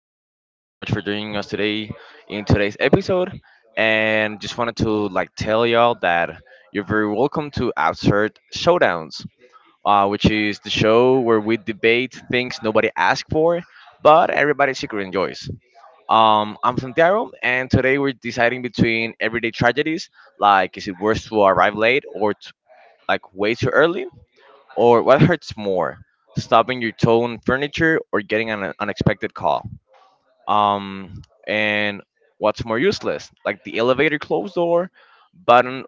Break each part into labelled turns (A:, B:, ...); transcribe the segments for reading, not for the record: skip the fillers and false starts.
A: Thank you so much for joining us today in today's episode. And just wanted to like tell y'all that you're very welcome to Absurd Showdowns, which is the show where we debate things nobody asked for, but everybody secretly enjoys. I'm Santiago, and today we're deciding between everyday tragedies, like is it worse to arrive late or like way too early, or what hurts more, stopping your toe on furniture or getting an unexpected call? Um, and what's more useless, like the elevator closed door button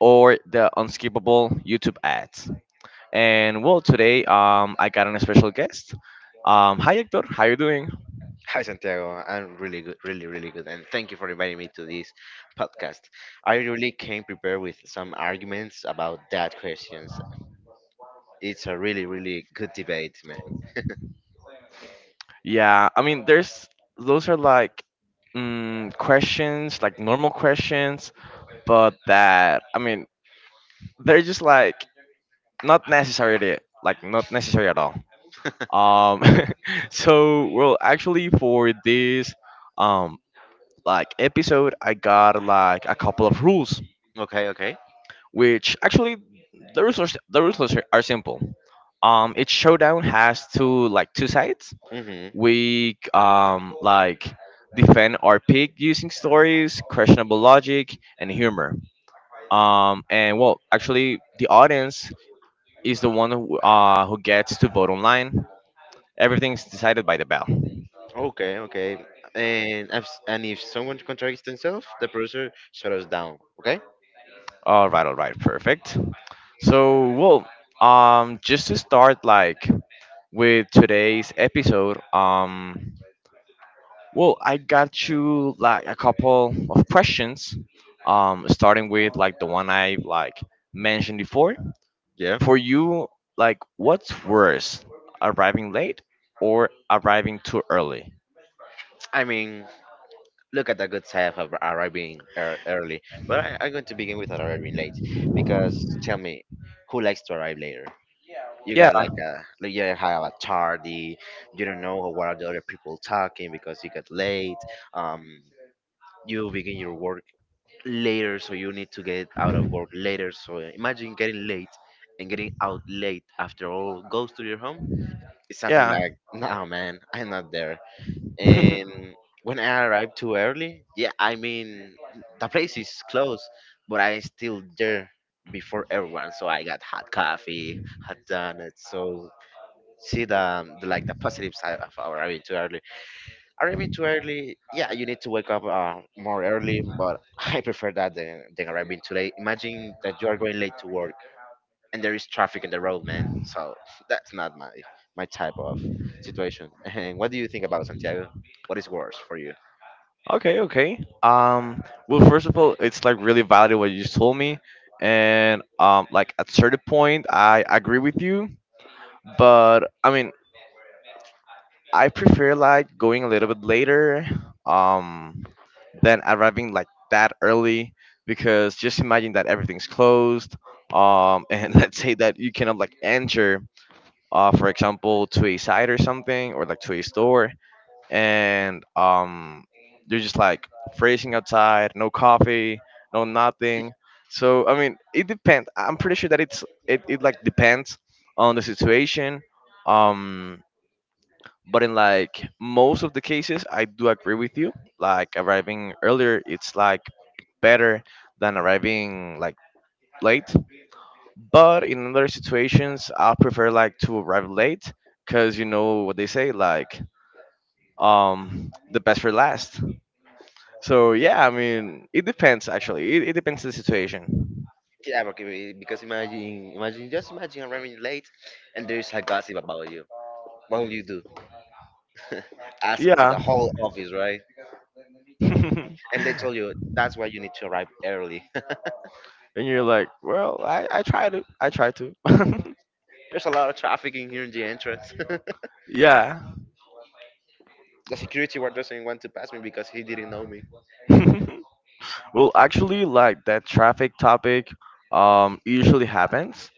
A: or the unskippable YouTube ads? And well, today I got an special guest. Hi Hector, how you doing?
B: Hi Santiago, I'm really good, really, really good, and thank you for inviting me to this podcast. I really came prepared with some arguments about that questions. It's a really, really good debate, man.
A: Yeah, I mean, there's those are like questions, like normal questions, but that I mean, they're just not necessary, like not necessary at all. Um, so well, actually, for this um like episode, I got like a couple of rules,
B: Okay, okay.
A: which actually the rules are s- the rules are s- are simple. Each showdown has two sides.
B: Mm-hmm.
A: We defend our pick using stories, questionable logic, and humor. And well, actually, the audience is the one who gets to vote online. Everything's decided by the bell.
B: Okay, okay. And if someone contradicts themselves, the producer shut us down. Okay.
A: All right, perfect. So, well, just to start, like with today's episode, well, I got you like a couple of questions, starting with like the one I like mentioned before.
B: Yeah.
A: For you, like, what's worse, arriving late or arriving too early?
B: I mean, look at the good side of early, but I'm going to begin with arriving late because tell me, who likes to arrive later? You
A: Yeah,
B: got like a like you have a tardy, you don't know what are the other people talking because you got late, um you begin your work later, so you need to get out of work later. So imagine getting late and getting out late after all, goes to your home. It's something
A: yeah.
B: like no man, I'm not there. And when I arrived too early, yeah, I mean, the place is closed, but I still there before everyone, so I got hot coffee, hot donuts. So see the like the positive side of arriving too early. Arriving too early, yeah, you need to wake up more early, but I prefer that than arriving too late. Imagine that you are going late to work and there is traffic in the road, man. So that's not my my type of situation. And what do you think about Santiago? What is worse for you?
A: Okay, okay. Well, first of all, it's like really valid what you just told me, and like at certain point, I agree with you, but I mean, I prefer like going a little bit later, um, than arriving like that early because just imagine that everything's closed, and let's say that you cannot like enter, for example, to a site or something or like to a store, and you're just like freezing outside, no coffee, no nothing. So I mean, it depends. I'm pretty sure that it like depends on the situation. Um, but in like most of the cases, I do agree with you. Like arriving earlier, it's like better than arriving like late. But in other situations, I prefer like to arrive late because you know what they say, like the best for last. So yeah, I mean, it depends actually. It depends on the situation.
B: Yeah, okay, because imagine, imagine, just imagine arriving late, and there is a gossip about you. What will you do? Ask to the
A: Yeah.
B: whole office, right?
A: And
B: And they told you that's why you need to arrive early.
A: you're like, well, I try to. I try to.
B: There's a lot of trafficking here in the entrance.
A: Yeah.
B: The security guard doesn't want to pass me because he didn't know me.
A: Well, actually, like that traffic topic usually happens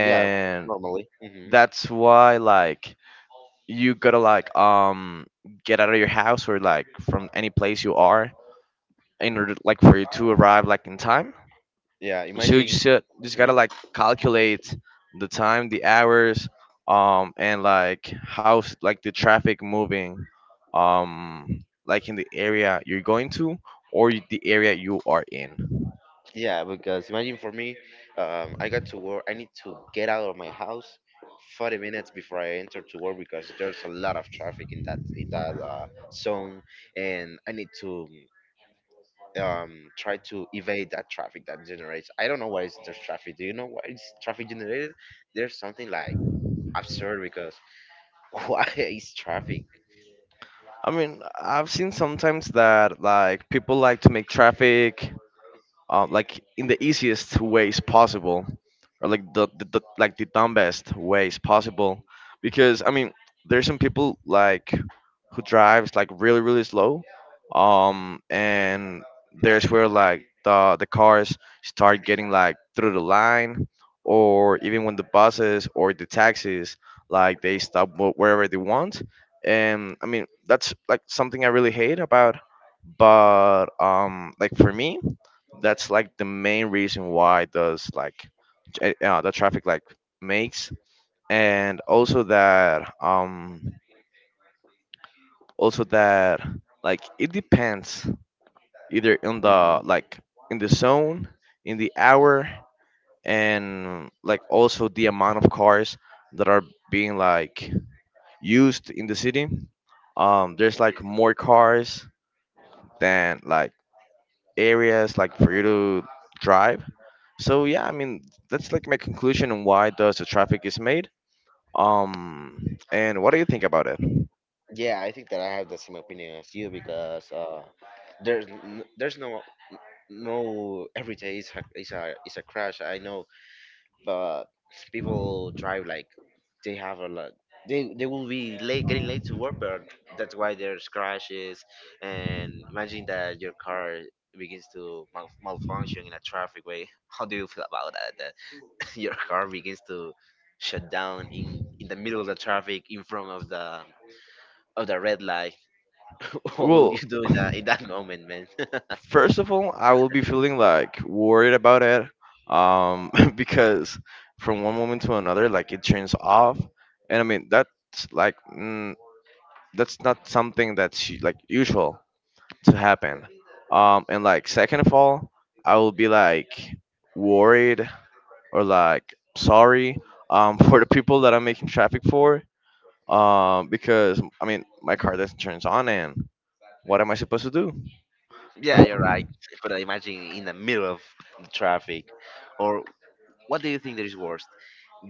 B: Yeah, normally.
A: that's why like you gotta like get out of your house or like from any place you are in order like for you to arrive like in time
B: Yeah,
A: so you
B: imagine.
A: just
B: Mhm.
A: gotta like calculate the time the hours and like how like the traffic moving like in the area you're going to or the area you are in.
B: Yeah, because imagine for me, I got to work. I need to get out of my house 40 minutes before I enter to work because there's a lot of traffic in that zone, and I need to try to evade that traffic that generates. I don't know why is there's traffic. Do you know why it's traffic generated? There's something like absurd. Why is traffic?
A: I mean I've seen sometimes that like people like to make traffic like in the easiest ways possible or like the dumbest ways possible because I mean there's some people like who drives like really really slow and there's where like the cars start getting like through the line or even when the buses or the taxis like they stop wherever they want and I mean that's like something I really hate about but like for me that's like the main reason why does like the traffic like makes and also that like it depends either in
B: Hmm.
A: the like in the zone in the hour and like also the amount of cars that are being like used in the city there's like more cars than like areas like for you to drive. So yeah, I mean that's like my conclusion on why does the traffic is made. And what do you think about it?
B: Yeah, I think that I have the same opinion as you because there's no no, every day is a is a crash. I know, but people drive like they have a lot. They will be late getting late to work, but that's why there's crashes. And imagine that your car begins to malfunction in a traffic way. How do you feel about that? Your car begins to shut down in the middle of the traffic in front of the red light. What will you
A: Well,
B: do in that moment, man?
A: first of all, I will be feeling like worried about it, because from one moment to another, like it turns off, and I mean that's like that's not something that's like usual to happen. And like second of all, I will be like worried or like sorry for the people that I'm making traffic for because I mean my car doesn't turn on and what am I supposed to do?
B: Yeah, you're right. But I imagine in the middle of the traffic, or what do you think that is worse,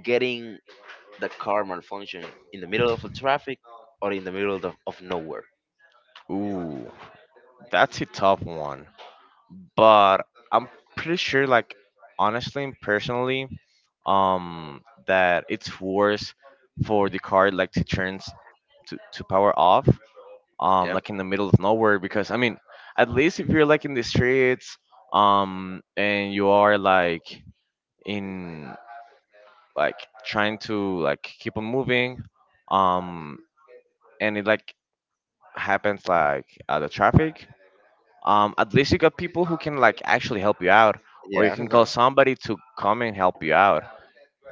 B: getting the car malfunction in the middle of the traffic or in the middle of nowhere?
A: Ooh, that's a tough one. But I'm pretty sure, like honestly and personally, that it's worse for the car like to turn s- to power off,
B: Yeah.
A: like in the middle of nowhere because I mean, at least if you're like in the streets, and you are like in like trying to like keep on moving um and it like happens like the traffic at least you got people who can like actually help you out or you
B: Yeah.
A: can call
B: Uh-huh.
A: somebody to come and help you out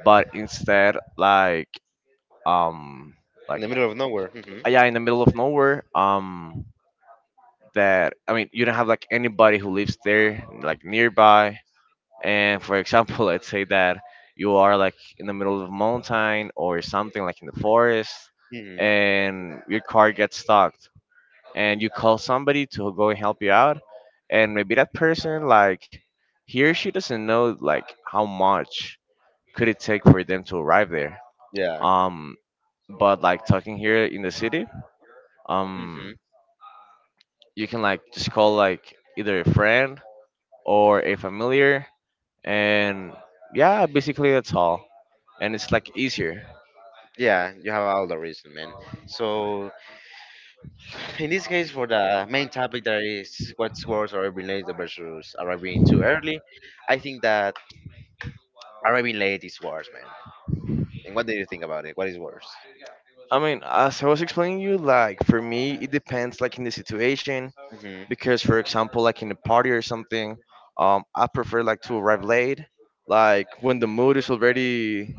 A: but instead like um
B: In the
A: like
B: middle of nowhere. Hmm.
A: yeah in the middle of nowhere that I mean you don't have like anybody who lives there like nearby. And for example, let's say that you are like in the middle of a mountain or something like in the forest,
B: Hmm.
A: and your car gets stuck, and you call somebody to go and help you out, and maybe that person like he or she doesn't know like how much could it take for them to arrive there.
B: Yeah.
A: Um, but like talking here in the city,
B: Hmm.
A: um, you can like just call like either a friend or a familiar, and yeah, basically that's all. And it's like easier.
B: Yeah, you have all the reason, man. So in this case, for the main topic that is what's worse, arriving late versus arriving too early, I think that arriving late is worse, man. And what do you think about it? What is worse?
A: I mean, as I was explaining you, like for me, it depends like in the situation
B: Hmm.
A: because, for example, like in a party or something, I prefer like to arrive late, like when the mood is already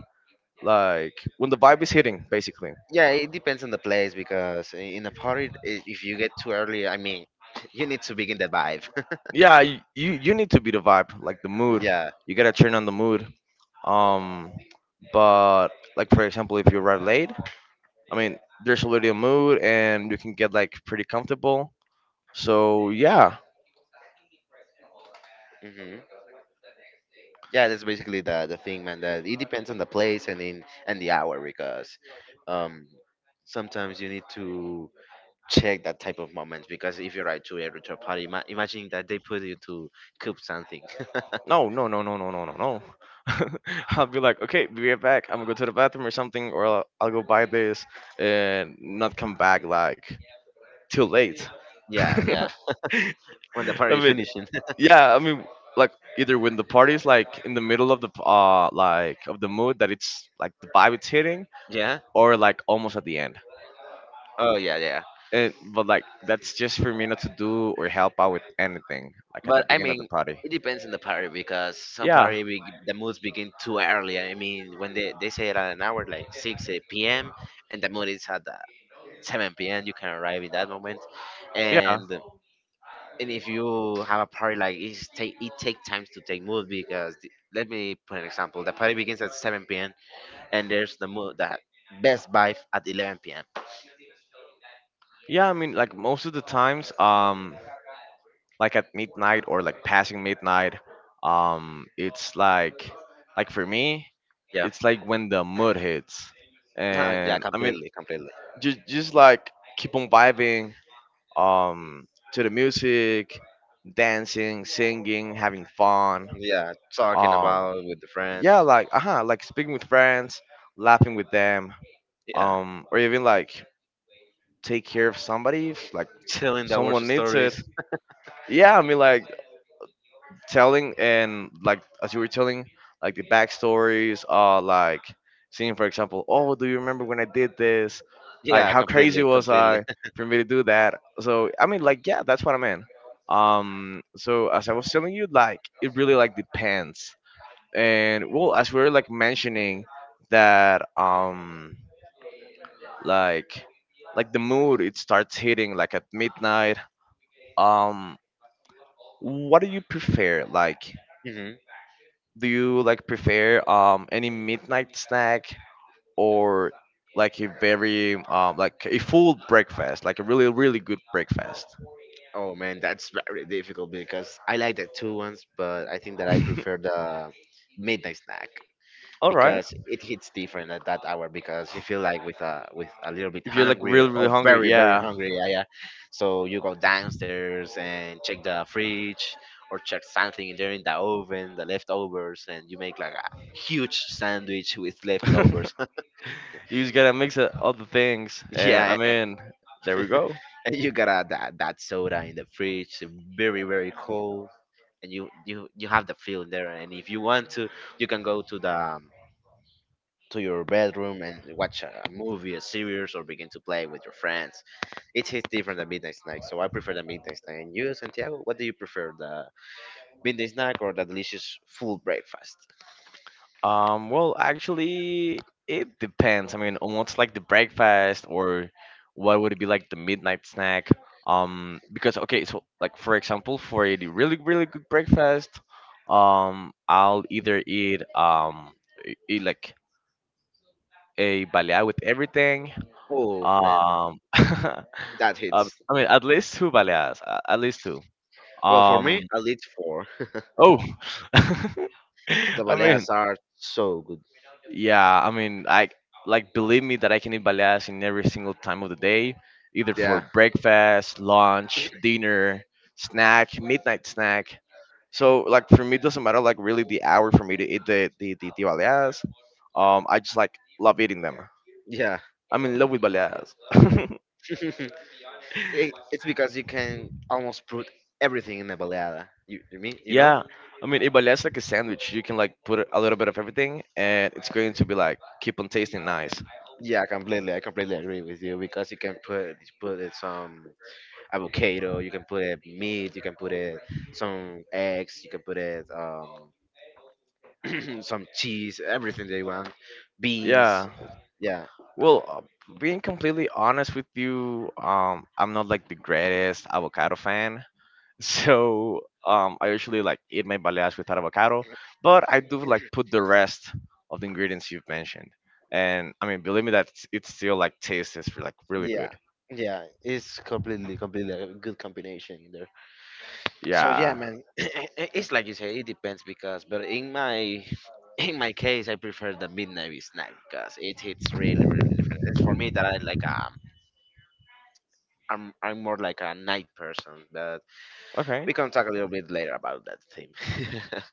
A: like when the vibe is hitting, basically.
B: Yeah, it depends on the place because in a party, if you get too early, I mean, you need to begin the vibe.
A: Yeah, you need to be the vibe, like the mood.
B: Yeah.
A: You gotta turn on the mood. Um, but like for example, if you arrive late, I mean, there's already a mood and you can get like pretty comfortable. So yeah,
B: Hmm. Yeah, that's basically the thing, man, that it depends on the place and in and the hour. Because um sometimes you need to check that type of moments, because if you write to a retro party, imagine that they put you to cook something.
A: no, no, no, no, no, no, no, no. I'll be like, okay, be right back. I'm gonna go to the bathroom or something, or I'll go buy this and not come back like too late.
B: Yeah,
A: I
B: yeah. When the party is
A: mean,
B: finishing.
A: yeah, I mean, like either when the party's like in the middle of the mood that it's like the vibe it's hitting,
B: Yeah.
A: or like almost at the end.
B: Oh yeah, yeah.
A: And but like that's just for me not to do or help out with anything like at
B: But
A: the
B: I
A: beginning of the
B: mean,
A: party.
B: it depends on the party because some
A: Yeah,
B: party the moods begin too early. I mean, when they say it at an hour like six p.m. and the mood is at seven p.m. You can arrive in that moment,
A: yeah.
B: and if you have a party like it's take it take times to take mood, because the, let me put an example. The party begins at 7 p.m. and there's that Best Buy at 11 p.m.
A: Yeah, I mean, like most of the times, like at midnight or like passing midnight, it's like for me,
B: Yeah.
A: it's like when the mood hits,
B: Nah, yeah,
A: and I mean,
B: completely, completely.
A: just like keep on vibing, um, to the music, dancing, singing, having fun,
B: Yeah, talking
A: um,
B: about with the friends.
A: yeah, like uh-huh, like speaking with friends, laughing with them,
B: Yeah.
A: or even like take care of somebody if like
B: Chilling the worst
A: someone needs
B: stories.
A: it. Yeah, I mean, like telling and like as you were telling like the backstories like seeing for example oh do you remember when I did this like
B: Yeah,
A: how crazy
B: completely,
A: was
B: completely.
A: I for me to do that so I mean like yeah that's what I meant so as I was telling you like it really like depends and well as we were like mentioning that like like the mood it starts hitting like at midnight um what do you prefer like
B: Hmm.
A: do you like prefer any midnight snack or like a very like a full breakfast, like a really really good breakfast?
B: Oh man, that's very difficult because I like the two ones, but I think that I prefer the midnight snack.
A: All right.
B: Because it hits different at that hour, because you feel like with a little bit
A: If you're like
B: hungry
A: really
B: or
A: really hungry,
B: very very
A: yeah.
B: hungry. Yeah, yeah. So you go downstairs and check the fridge, or check something in there in the oven, the leftovers, and you make like a huge sandwich with
A: You
B: leftovers.
A: just gotta mix it all the things, and I
B: Yeah. And
A: mean, there we go.
B: you got a, that that soda in the fridge, very very cold, and you have the feeling there. And if you want to, you can go to the to your bedroom and watch a movie, a series, or begin to play with your friends. It hits different than midnight snack, so I prefer the midnight snack. And you, Santiago, what do you prefer, the midnight snack or the delicious full breakfast?
A: Well, actually, it depends. I mean, on what's like the breakfast or what would it be like the midnight snack? Because okay, so like for example, for a really really good breakfast, I'll either eat like a baleada with everything.
B: Oh man,
A: Um,
B: that hits.
A: I mean, at least two baleadas, at least two.
B: Well, for me,
A: Um,
B: I least four.
A: oh,
B: The
A: I mean,
B: baleadas are so good.
A: yeah, I mean, I like believe me that I can eat baleadas in every single time of the day, either for
B: Yeah,
A: breakfast, lunch, dinner, snack, midnight snack. So like for me, it doesn't matter like really the hour for me to eat the baleadas. I just like love eating them.
B: yeah.
A: I'm in love with baleadas.
B: It- it's because you can almost put everything in a baleada. You mean you know?
A: Yeah, I mean, a baleadas like a sandwich. You can like put a little bit of everything, and it's going to be like keep on tasting nice.
B: Yeah, completely. I completely agree with you because you can put put it some avocado. You can put it meat. You can put it some eggs. You can put it some cheese. Everything they want. Beans.
A: Yeah.
B: Yeah,
A: Well, uh, Being completely honest with you, I'm not like the greatest avocado fan. So I usually like eat my baleadas without avocado, but I do like put the rest of the ingredients you've mentioned. And I mean, believe me that it's still like tastes is like really
B: yeah,
A: good.
B: yeah. It's completely, completely a good combination in there. So yeah,
A: Yeah.
B: man. It's like you say, it depends. Because, but in my in my case, I prefer the midnight snack because it hits really, really different. It's for me that I like I'm more like a night person, but
A: Okay.
B: we can talk a little bit later about that theme.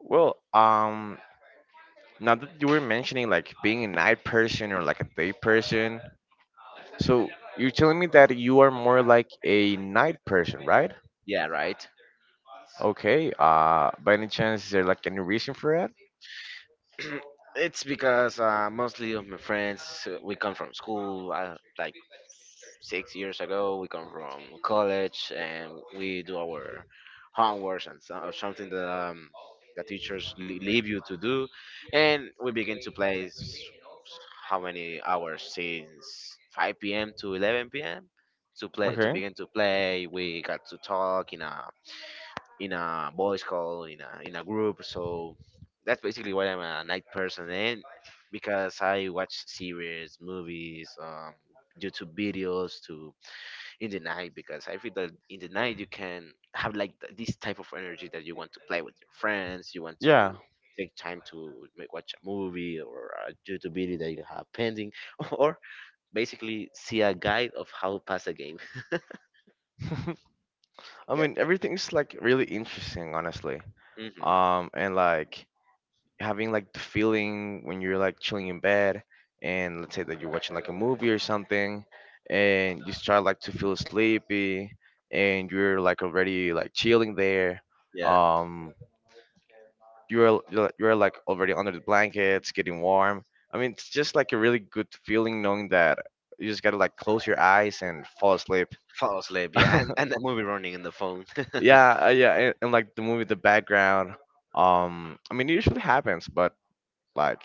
A: Well, um, Now that you were mentioning like being a night person or like a day person, so you're telling me that you are more like a night person, right?
B: Yeah, right.
A: Okay. By any chance, is there like any reason for it?
B: It's because mostly of my friends we come from school like 6 years ago. We come from college, and we do our homework and so, or something that the teachers leave you to do, and we begin to how many hours since 5 p.m. to 11 p.m. to play, to
A: Okay.
B: begin to play. We got to talk in a voice call in a group. So that's basically why I'm a night person. And because I watch series, movies, YouTube videos to in the night, because I feel that in the night you can have like this type of energy, that you want to play with your friends, you want to
A: Yeah.
B: take time to make, watch a movie or a YouTube video that you have pending, or basically see a guide of how to pass a game.
A: I
B: Yeah.
A: mean, everything's like really interesting, honestly.
B: Hmm.
A: And like having like the feeling when you're like chilling in bed, and let's say that you're watching like a movie or something, and you start like to feel sleepy, and you're like already like chilling there.
B: Yeah.
A: Um, you're like already under the blankets, getting warm. I mean, it's just like a really good feeling knowing that you just gotta like close your eyes and fall asleep.
B: Fall asleep, yeah, and the movie running in the phone.
A: Yeah, and like the movie, the background. I mean, it usually happens, but like,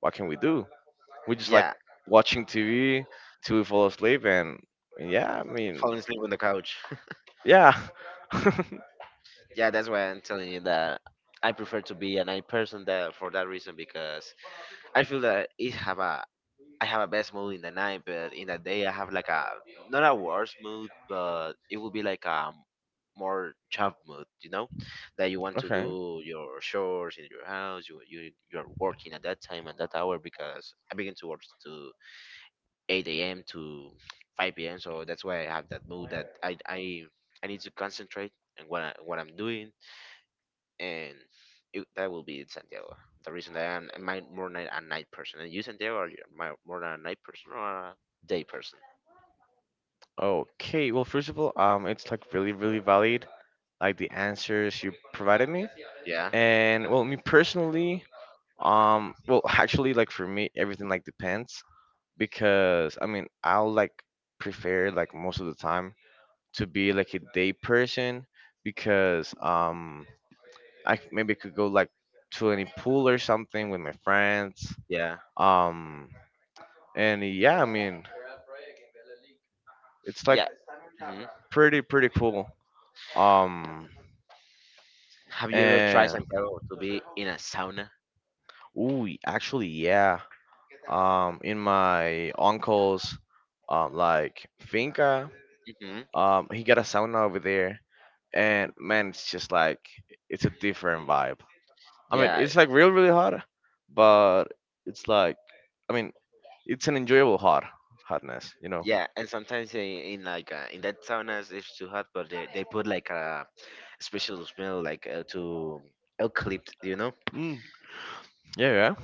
A: what can we do? We just like
B: Yeah,
A: watching TV till we fall asleep, and yeah, I mean,
B: falling asleep on the couch.
A: yeah.
B: Yeah, that's why I'm telling you that I prefer to be a night person, that for that reason, because I feel that it have a I have a best mood in the night, but in the day I have like a not a worse mood, but it will be like a more job mood, you know, that you want to
A: okay,
B: do your chores in your house. You are working at that time and that hour, because I begin to work to 8 a.m. to 5 p.m. So that's why I have that mood, that I need to concentrate and what I'm doing. And it, that will be it, Santiago. The reason that more night a night person. And you, Santiago, are you more than a night person or a day person?
A: okay. Well, First of all, it's like really, really valid, like the answers you provided me.
B: Yeah,
A: And well, me personally, actually, like for me, everything like depends because I mean, I'll like prefer like most of the time to be like a day person because I c- maybe could go like to any pool or something with my friends.
B: yeah,
A: Um, and yeah, I mean, it's like
B: yeah. Hmm.
A: pretty cool. Um,
B: Have you ever tried,
A: and
B: Santiago, to be in a sauna?
A: Ooh, actually, yeah. In my uncle's like finca.
B: Hmm.
A: He got a sauna over there, and man, it's just like it's a different vibe. I mean,
B: Yeah,
A: it's like real, really hot, but it's like I mean, it's an enjoyable hotness, you know.
B: yeah. And sometimes they, in like in that saunas it's too hot, but they put like a special smell like to eucalypt, you know.
A: Mm, yeah,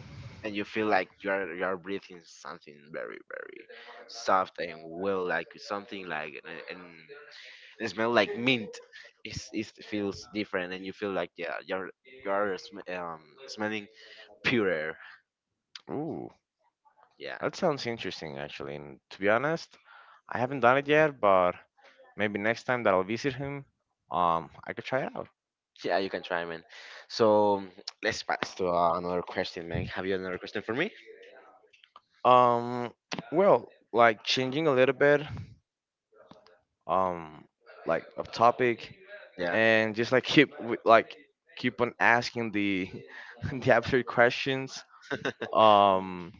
B: And you feel like you're breathing something very very soft and well, like something like, and it smell like mint. It's, it feels different, and you feel like yeah, you're you're sm- um, smelling purer.
A: yeah. Ooh,
B: Yeah.
A: that sounds interesting actually. And to be honest, I haven't done it yet, but maybe next time that I'll visit him, I could try it out.
B: Yeah, you can try, man. So let's pass to another question, man. Have you another question for me?
A: Um, well, like changing a little bit. um like of topic
B: Yeah.
A: and just like keep with like keep on asking the the absurd questions um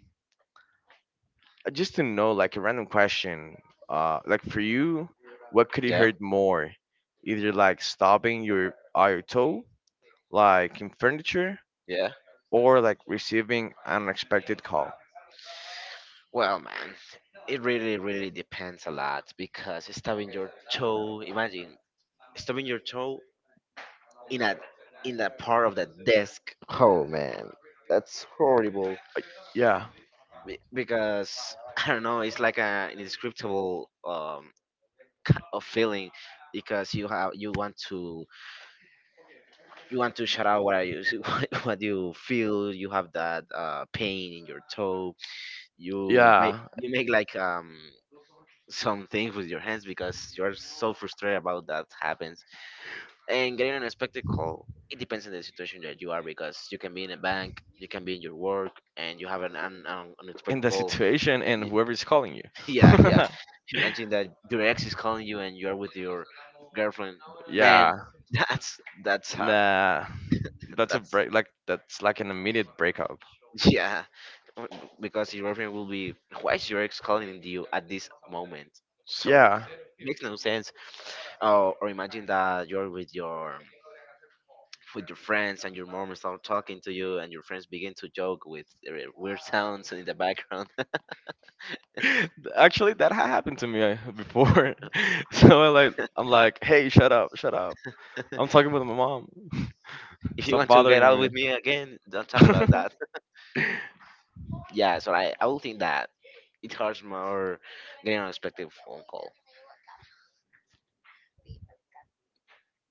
A: just to know like a random question like for you, what could you
B: Yeah.
A: hurt more, either like stopping your toe like in furniture
B: Yeah.
A: or like receiving an unexpected call.
B: Well, man, it really, really depends a lot because stubbing your toe. Imagine stubbing your toe in a in a part of the desk. Oh man, that's horrible.
A: Uh, yeah
B: Because I don't know, it's like a indescribable kind of feeling because you want to shout out what are you what you feel. You have that pain in your toe. You make
A: yeah.
B: you make like some things with your hands because you're so frustrated about that happens. And getting an unexpected call, it depends on the situation that you are because you can be in a bank, you can be in your work, and you have an
A: In
B: unexpected
A: the
B: call.
A: situation and
B: Y-
A: whoever is calling you.
B: Yeah, yeah. Imagine that your ex is calling you and you're with your girlfriend. Man,
A: Yeah,
B: that's hard.
A: nah, that's a
B: That's.
A: break. Like that's like an immediate breakup.
B: Yeah, because your girlfriend will be, why is your ex calling you at this moment? So it
A: Yeah,
B: makes no sense. Oh, or imagine that you're with your friends and your mom start talking to you and your friends begin to joke with their weird sounds in the background.
A: actually, that happened to me before. So I like, I'm like, hey, shut up, shut up. I'm talking with my mom.
B: If you
A: Stop
B: want to get
A: bothering
B: out
A: me.
B: with me again, don't talk like that. Yeah, so I will think that it hurts more getting an unexpected phone call.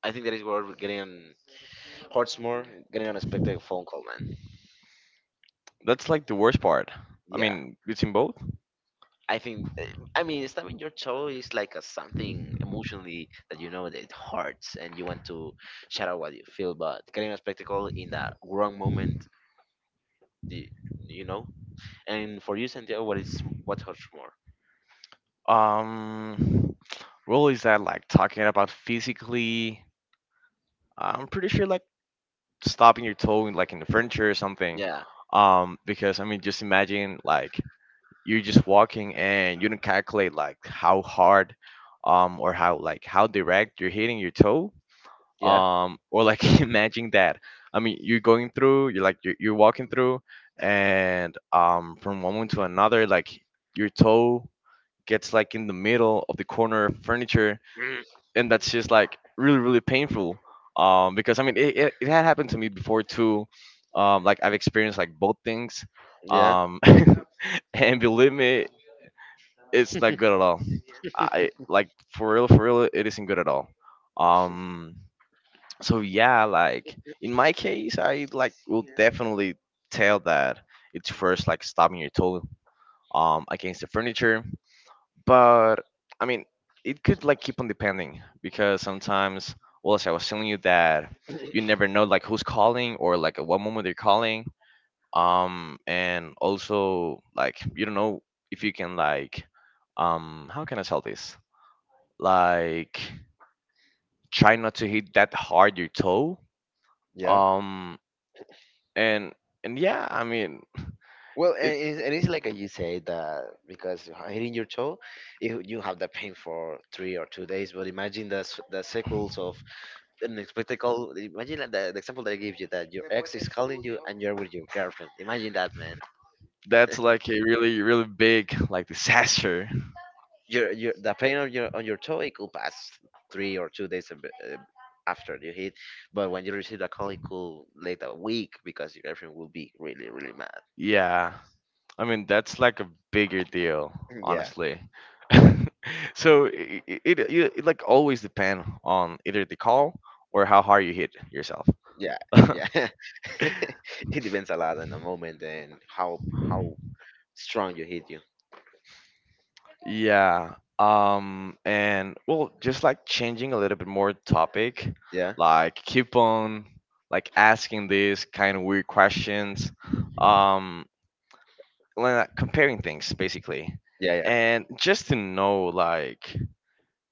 B: I think that is where we're getting hurts more getting an unexpected phone call, man.
A: That's like the worst part. I
B: Yeah.
A: mean, between both.
B: I think eh, I mean stabbing your toe is like a something emotionally that you know that it hurts and you want to shout out what you feel, but getting a spectacle in that wrong moment, the you know. And for you, Santiago, what hurts more?
A: Um, well, is that like talking about physically? I'm pretty sure like stopping your toe in, like in the furniture or something.
B: Yeah,
A: Because I mean, just imagine like you're just walking and you don't calculate like how hard, or how like how direct you're hitting your toe.
B: yeah,
A: Or like imagine that. I mean, you're going through, you're walking through, and from one moment to another, like your toe gets like in the middle of the corner of furniture,
B: Mm,
A: and that's just like really really painful, because I mean it had happened to me before too, like I've experienced like both things,
B: yeah,
A: um and believe me it's not good at all. I like for real it isn't good at all. um so yeah, like in my case, I like will definitely tell that it's first like stopping your toe against the furniture, but I mean, it could like keep on depending because sometimes, well, as I was telling you that you never know like who's calling or like at what moment they're calling. And also like you don't know if you can like, how can I tell this? Like, try not to hit that hard your toe.
B: yeah.
A: Um, and and yeah, I mean,
B: Well, and
A: it
B: it's, and it's like you say that because hitting your toe, you have that pain for 3 or 2 days. But imagine the cycles of an expected call. Imagine like the example that I gave you that your ex is calling you and you're with your girlfriend. Imagine that, man.
A: that's like a really really big like disaster.
B: Your the pain on your toe it could pass 3 or 2 days a bit, after you hit, but when you receive the call, it could late a week because your girlfriend will be really really mad.
A: Yeah. I mean, that's like a bigger deal,
B: Mm, yeah,
A: honestly. so it like always depend on either the call or how hard you hit yourself.
B: yeah, yeah. It depends a lot on the moment and how strong you hit you.
A: yeah. And well, just like changing a little bit more topic,
B: Yeah,
A: like keep on like asking these kind of weird questions, um, like comparing things basically,
B: yeah, yeah.
A: and just to know like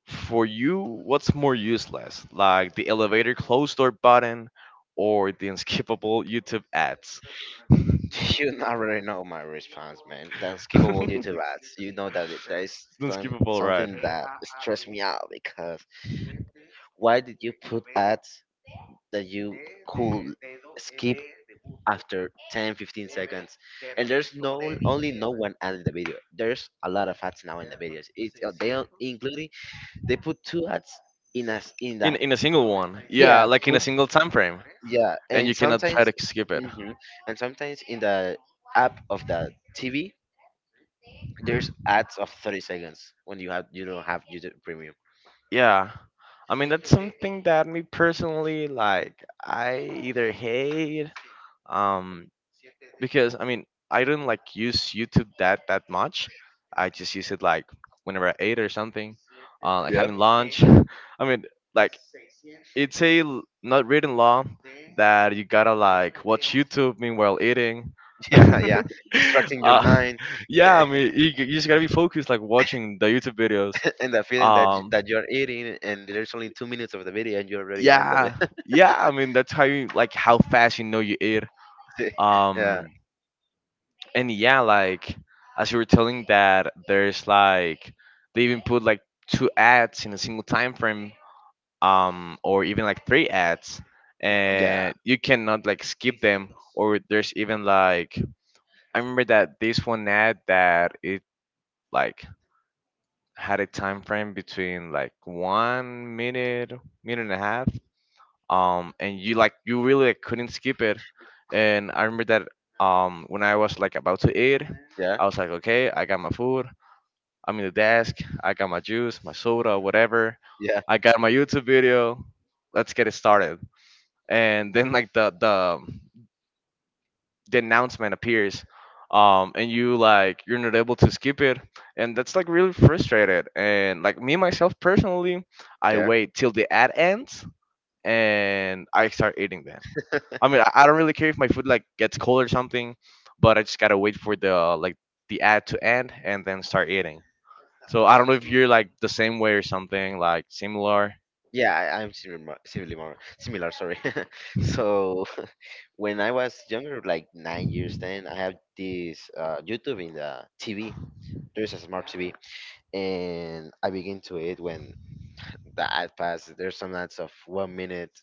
A: for you, what's more useless, like the elevator closed door button or the unskippable YouTube ads? The
B: You already know my response, man. The unskippable YouTube ads. You know that that is
A: unskippable ride.
B: something that stressed me out because why did you put ads that you could skip after 10, 15 seconds? And there's no only no one ad in the video. There's a lot of ads now in the videos. It's they are including they put two ads in us in the,
A: In a single one, yeah,
B: yeah,
A: like in a
B: put,
A: single time frame,
B: yeah,
A: and
B: and
A: you cannot
B: sometimes,
A: try to skip it.
B: hmm and sometimes in the app of the TV. There's ads of 30 seconds when you don't have YouTube Premium.
A: Yeah, I mean that's something that me personally like. I either hate um, because I mean I don't like use YouTube that that much. I just use it like whenever I ate or something, like having lunch. I mean, like it's a l- not written law that you gotta like watch YouTube meanwhile eating.
B: Yeah, yeah, distracting your
A: uh,
B: mind.
A: yeah, I mean you, you just gotta be focused like watching the YouTube videos.
B: And the feeling that
A: Um,
B: that you're eating, and there's only 2 minutes of the video, and you already end of it.
A: yeah, yeah. I mean that's how you like how fast you know you eat.
B: Yeah,
A: Um, and yeah, like as you were telling that there's like they even put like two ads in a single time frame, or even like three ads,
B: yeah,
A: and you cannot like skip them. Or there's even like I remember that this one ad that it like had a time frame between like 1 minute, minute and a half, and you like you really like, couldn't skip it, and I remember that when I was like about to eat,
B: yeah,
A: I was like okay, I got my food, I'm in the desk, I got my juice, my soda, whatever,
B: yeah,
A: I got my YouTube video, let's get it started, and then like the the announcement appears, and you like you're not able to skip it, and that's like really frustrated, and like me myself personally, I
B: yeah.
A: wait till the ad ends and I start eating. I mean, I don't really care if my food like gets cold or something, but I just gotta wait for the like the ad to end and then start eating. So I don't know if you're like the same way or something like similar.
B: Yeah, I'm similar, similar. Sorry. So, when I was younger, like 9 years, 10, I have this YouTube in the TV. There's a smart TV, and I begin to it when the that fast. There's some ads of 1 minute.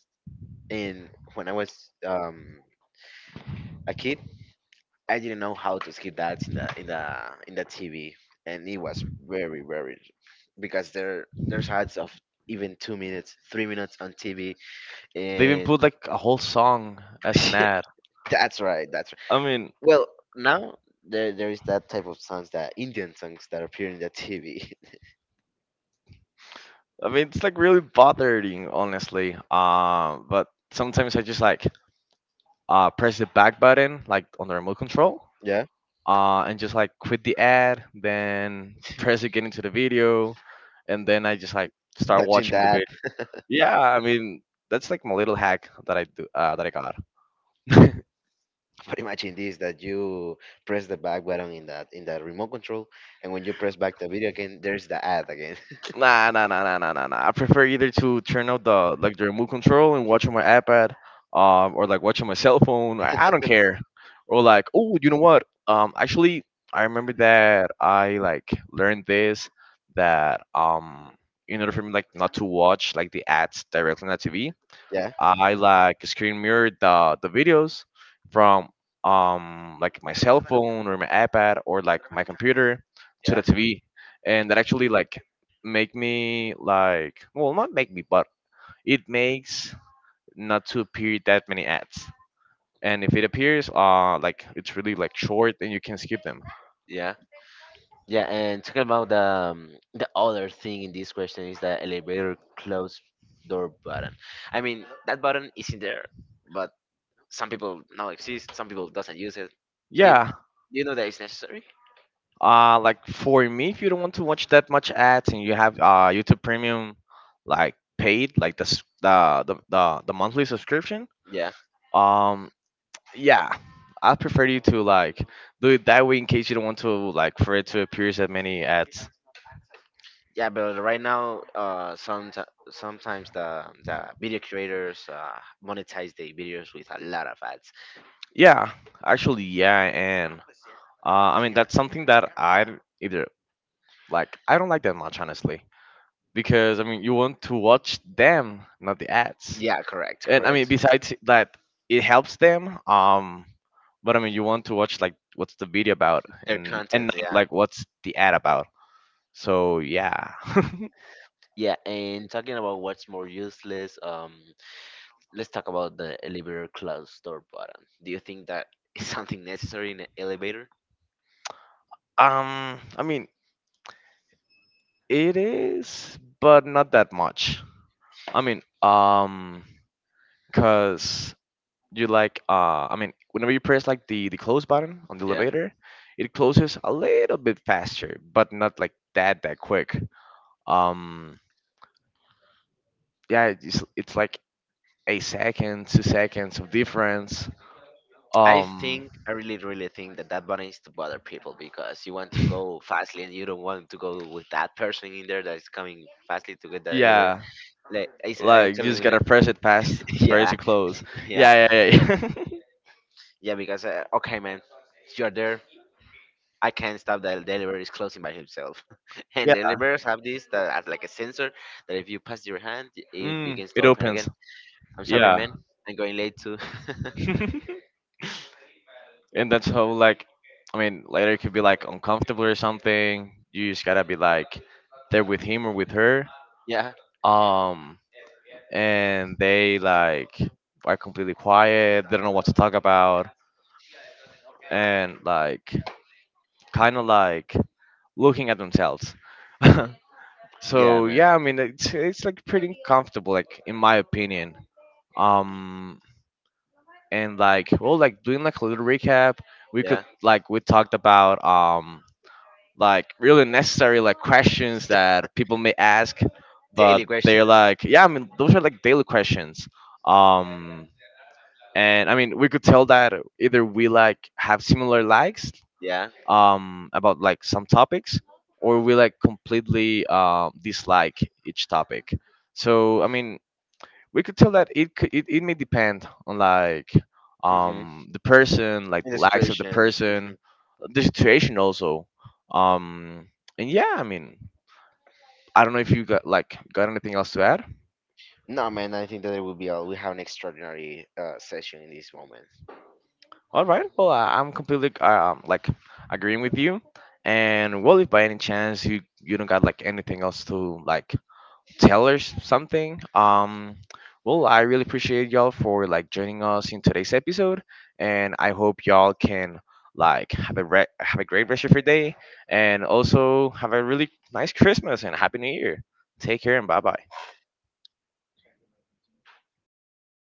B: And when I was a kid, I didn't know how to skip the ads in the TV, and it was very very because there's ads of even 2 minutes, 3 minutes on TV,
A: They even
B: and
A: put like a whole song as an ad.
B: that's right, that's right.
A: I mean,
B: Well, now there is that type of songs that Indian songs that appear in the TV.
A: I mean it's like really bothering, honestly. But sometimes I just like press the back button like on the remote control.
B: Yeah,
A: And just like quit the ad, then press again into the video, and then I just like start
B: touching
A: watching
B: that.
A: the. Yeah, I mean that's like my little hack that I do that I got.
B: But imagine this that you press the back button in that remote control, and when you press back the video again, there's the ad again.
A: Nah, nah, nah, nah, nah, nah, nah. I prefer either to turn out the like the remote control and watch on my iPad, or like watch on my cell phone. I don't care. Or like, oh, you know what? Actually, I remember that I like learned this that in order for me like not to watch like the ads directly on the TV,
B: Yeah,
A: I like screen mirrored the videos from like my cell phone or my iPad or like my computer to
B: yeah,
A: the TV, and that actually like make me like well not make me but it makes not to appear that many ads. And if it appears, like it's really like short and you can skip them.
B: yeah, yeah. And talking about the other thing in this question is the elevator close door button. I mean that button is in there, but some people now exist, some people doesn't use it. Do you, do
A: Yeah,
B: you know that it's necessary?
A: like for me, if you don't want to watch that much ads and you have YouTube Premium, like paid, like the s- the monthly subscription.
B: Yeah.
A: Um, yeah, I prefer you to like do it that way in case you don't want to like for it to appear as many ads.
B: Yeah, but right now, sometimes the video creators monetize their videos with a lot of ads.
A: Yeah, actually, yeah, and I mean that's something that I either like I don't like that much honestly because I mean you want to watch them, not the ads.
B: Yeah, correct,
A: And I mean
B: correct.
A: besides that, it helps them. But I mean you want to watch like what's the video about
B: Their
A: and
B: content,
A: not
B: yeah.
A: like what's the ad about. So yeah.
B: Yeah, and talking about what's more useless, let's talk about the elevator close door button. Do you think that is something necessary in an elevator?
A: I mean, it is, but not that much. I mean, cause you like, I mean, whenever you press like the close button on the
B: Yeah.
A: elevator, it closes a little bit faster, but not like that that quick. Um, yeah, it's like a second, 2 seconds of difference. Um,
B: I really really think that that button is to bother people because you want to go fastly and you don't want to go with that person in there that is coming fastly to get that elevator.
A: yeah,
B: Like I'm
A: like you
B: telling
A: just
B: you,
A: gotta
B: like,
A: press it past for it
B: yeah,
A: to close.
B: yeah,
A: Yeah, yeah, yeah. Yeah.
B: yeah. Because okay, man, you're there. I can't stop the delivery is closing by himself, and
A: yeah.
B: the deliverers have this that as like a sensor that if you pass your hand, it
A: Mm,
B: begins to
A: it
B: open again.
A: opens.
B: I'm sorry,
A: Yeah.
B: man. I'm going late too.
A: And that's how like I mean later it could be like uncomfortable or something. You just gotta be like there with him or with her.
B: Yeah,
A: Um and they like are completely quiet, they don't know what to talk about and like kinda like looking at themselves.
B: yeah,
A: So
B: man.
A: yeah, I mean it's like pretty uncomfortable like in my opinion. um and like well like doing like a little recap, we could
B: Yeah,
A: like we talked about like really necessary like questions that people may ask, but
B: daily
A: they're
B: questions.
A: like yeah I mean those are like daily questions, um and I mean we could tell that either we like have similar likes
B: Yeah,
A: about like some topics or we like completely dislike each topic. So I mean we could tell that it could it may depend on like
B: hmm
A: the person, like
B: in
A: the
B: the
A: likes of the
B: situation. hmm
A: person, the situation also. Um and yeah I mean, I don't know if you got like got anything else to add.
B: No, man. I think that it will be all. We have an extraordinary session in this moment.
A: All right, well I'm completely like agreeing with you, and well if by any chance you you don't got like anything else to like tell us something. Well, I really appreciate y'all for like joining us in today's episode, and I hope y'all can like have a great rest of your day, and also have a really nice Christmas and Happy New Year. Take care and bye bye.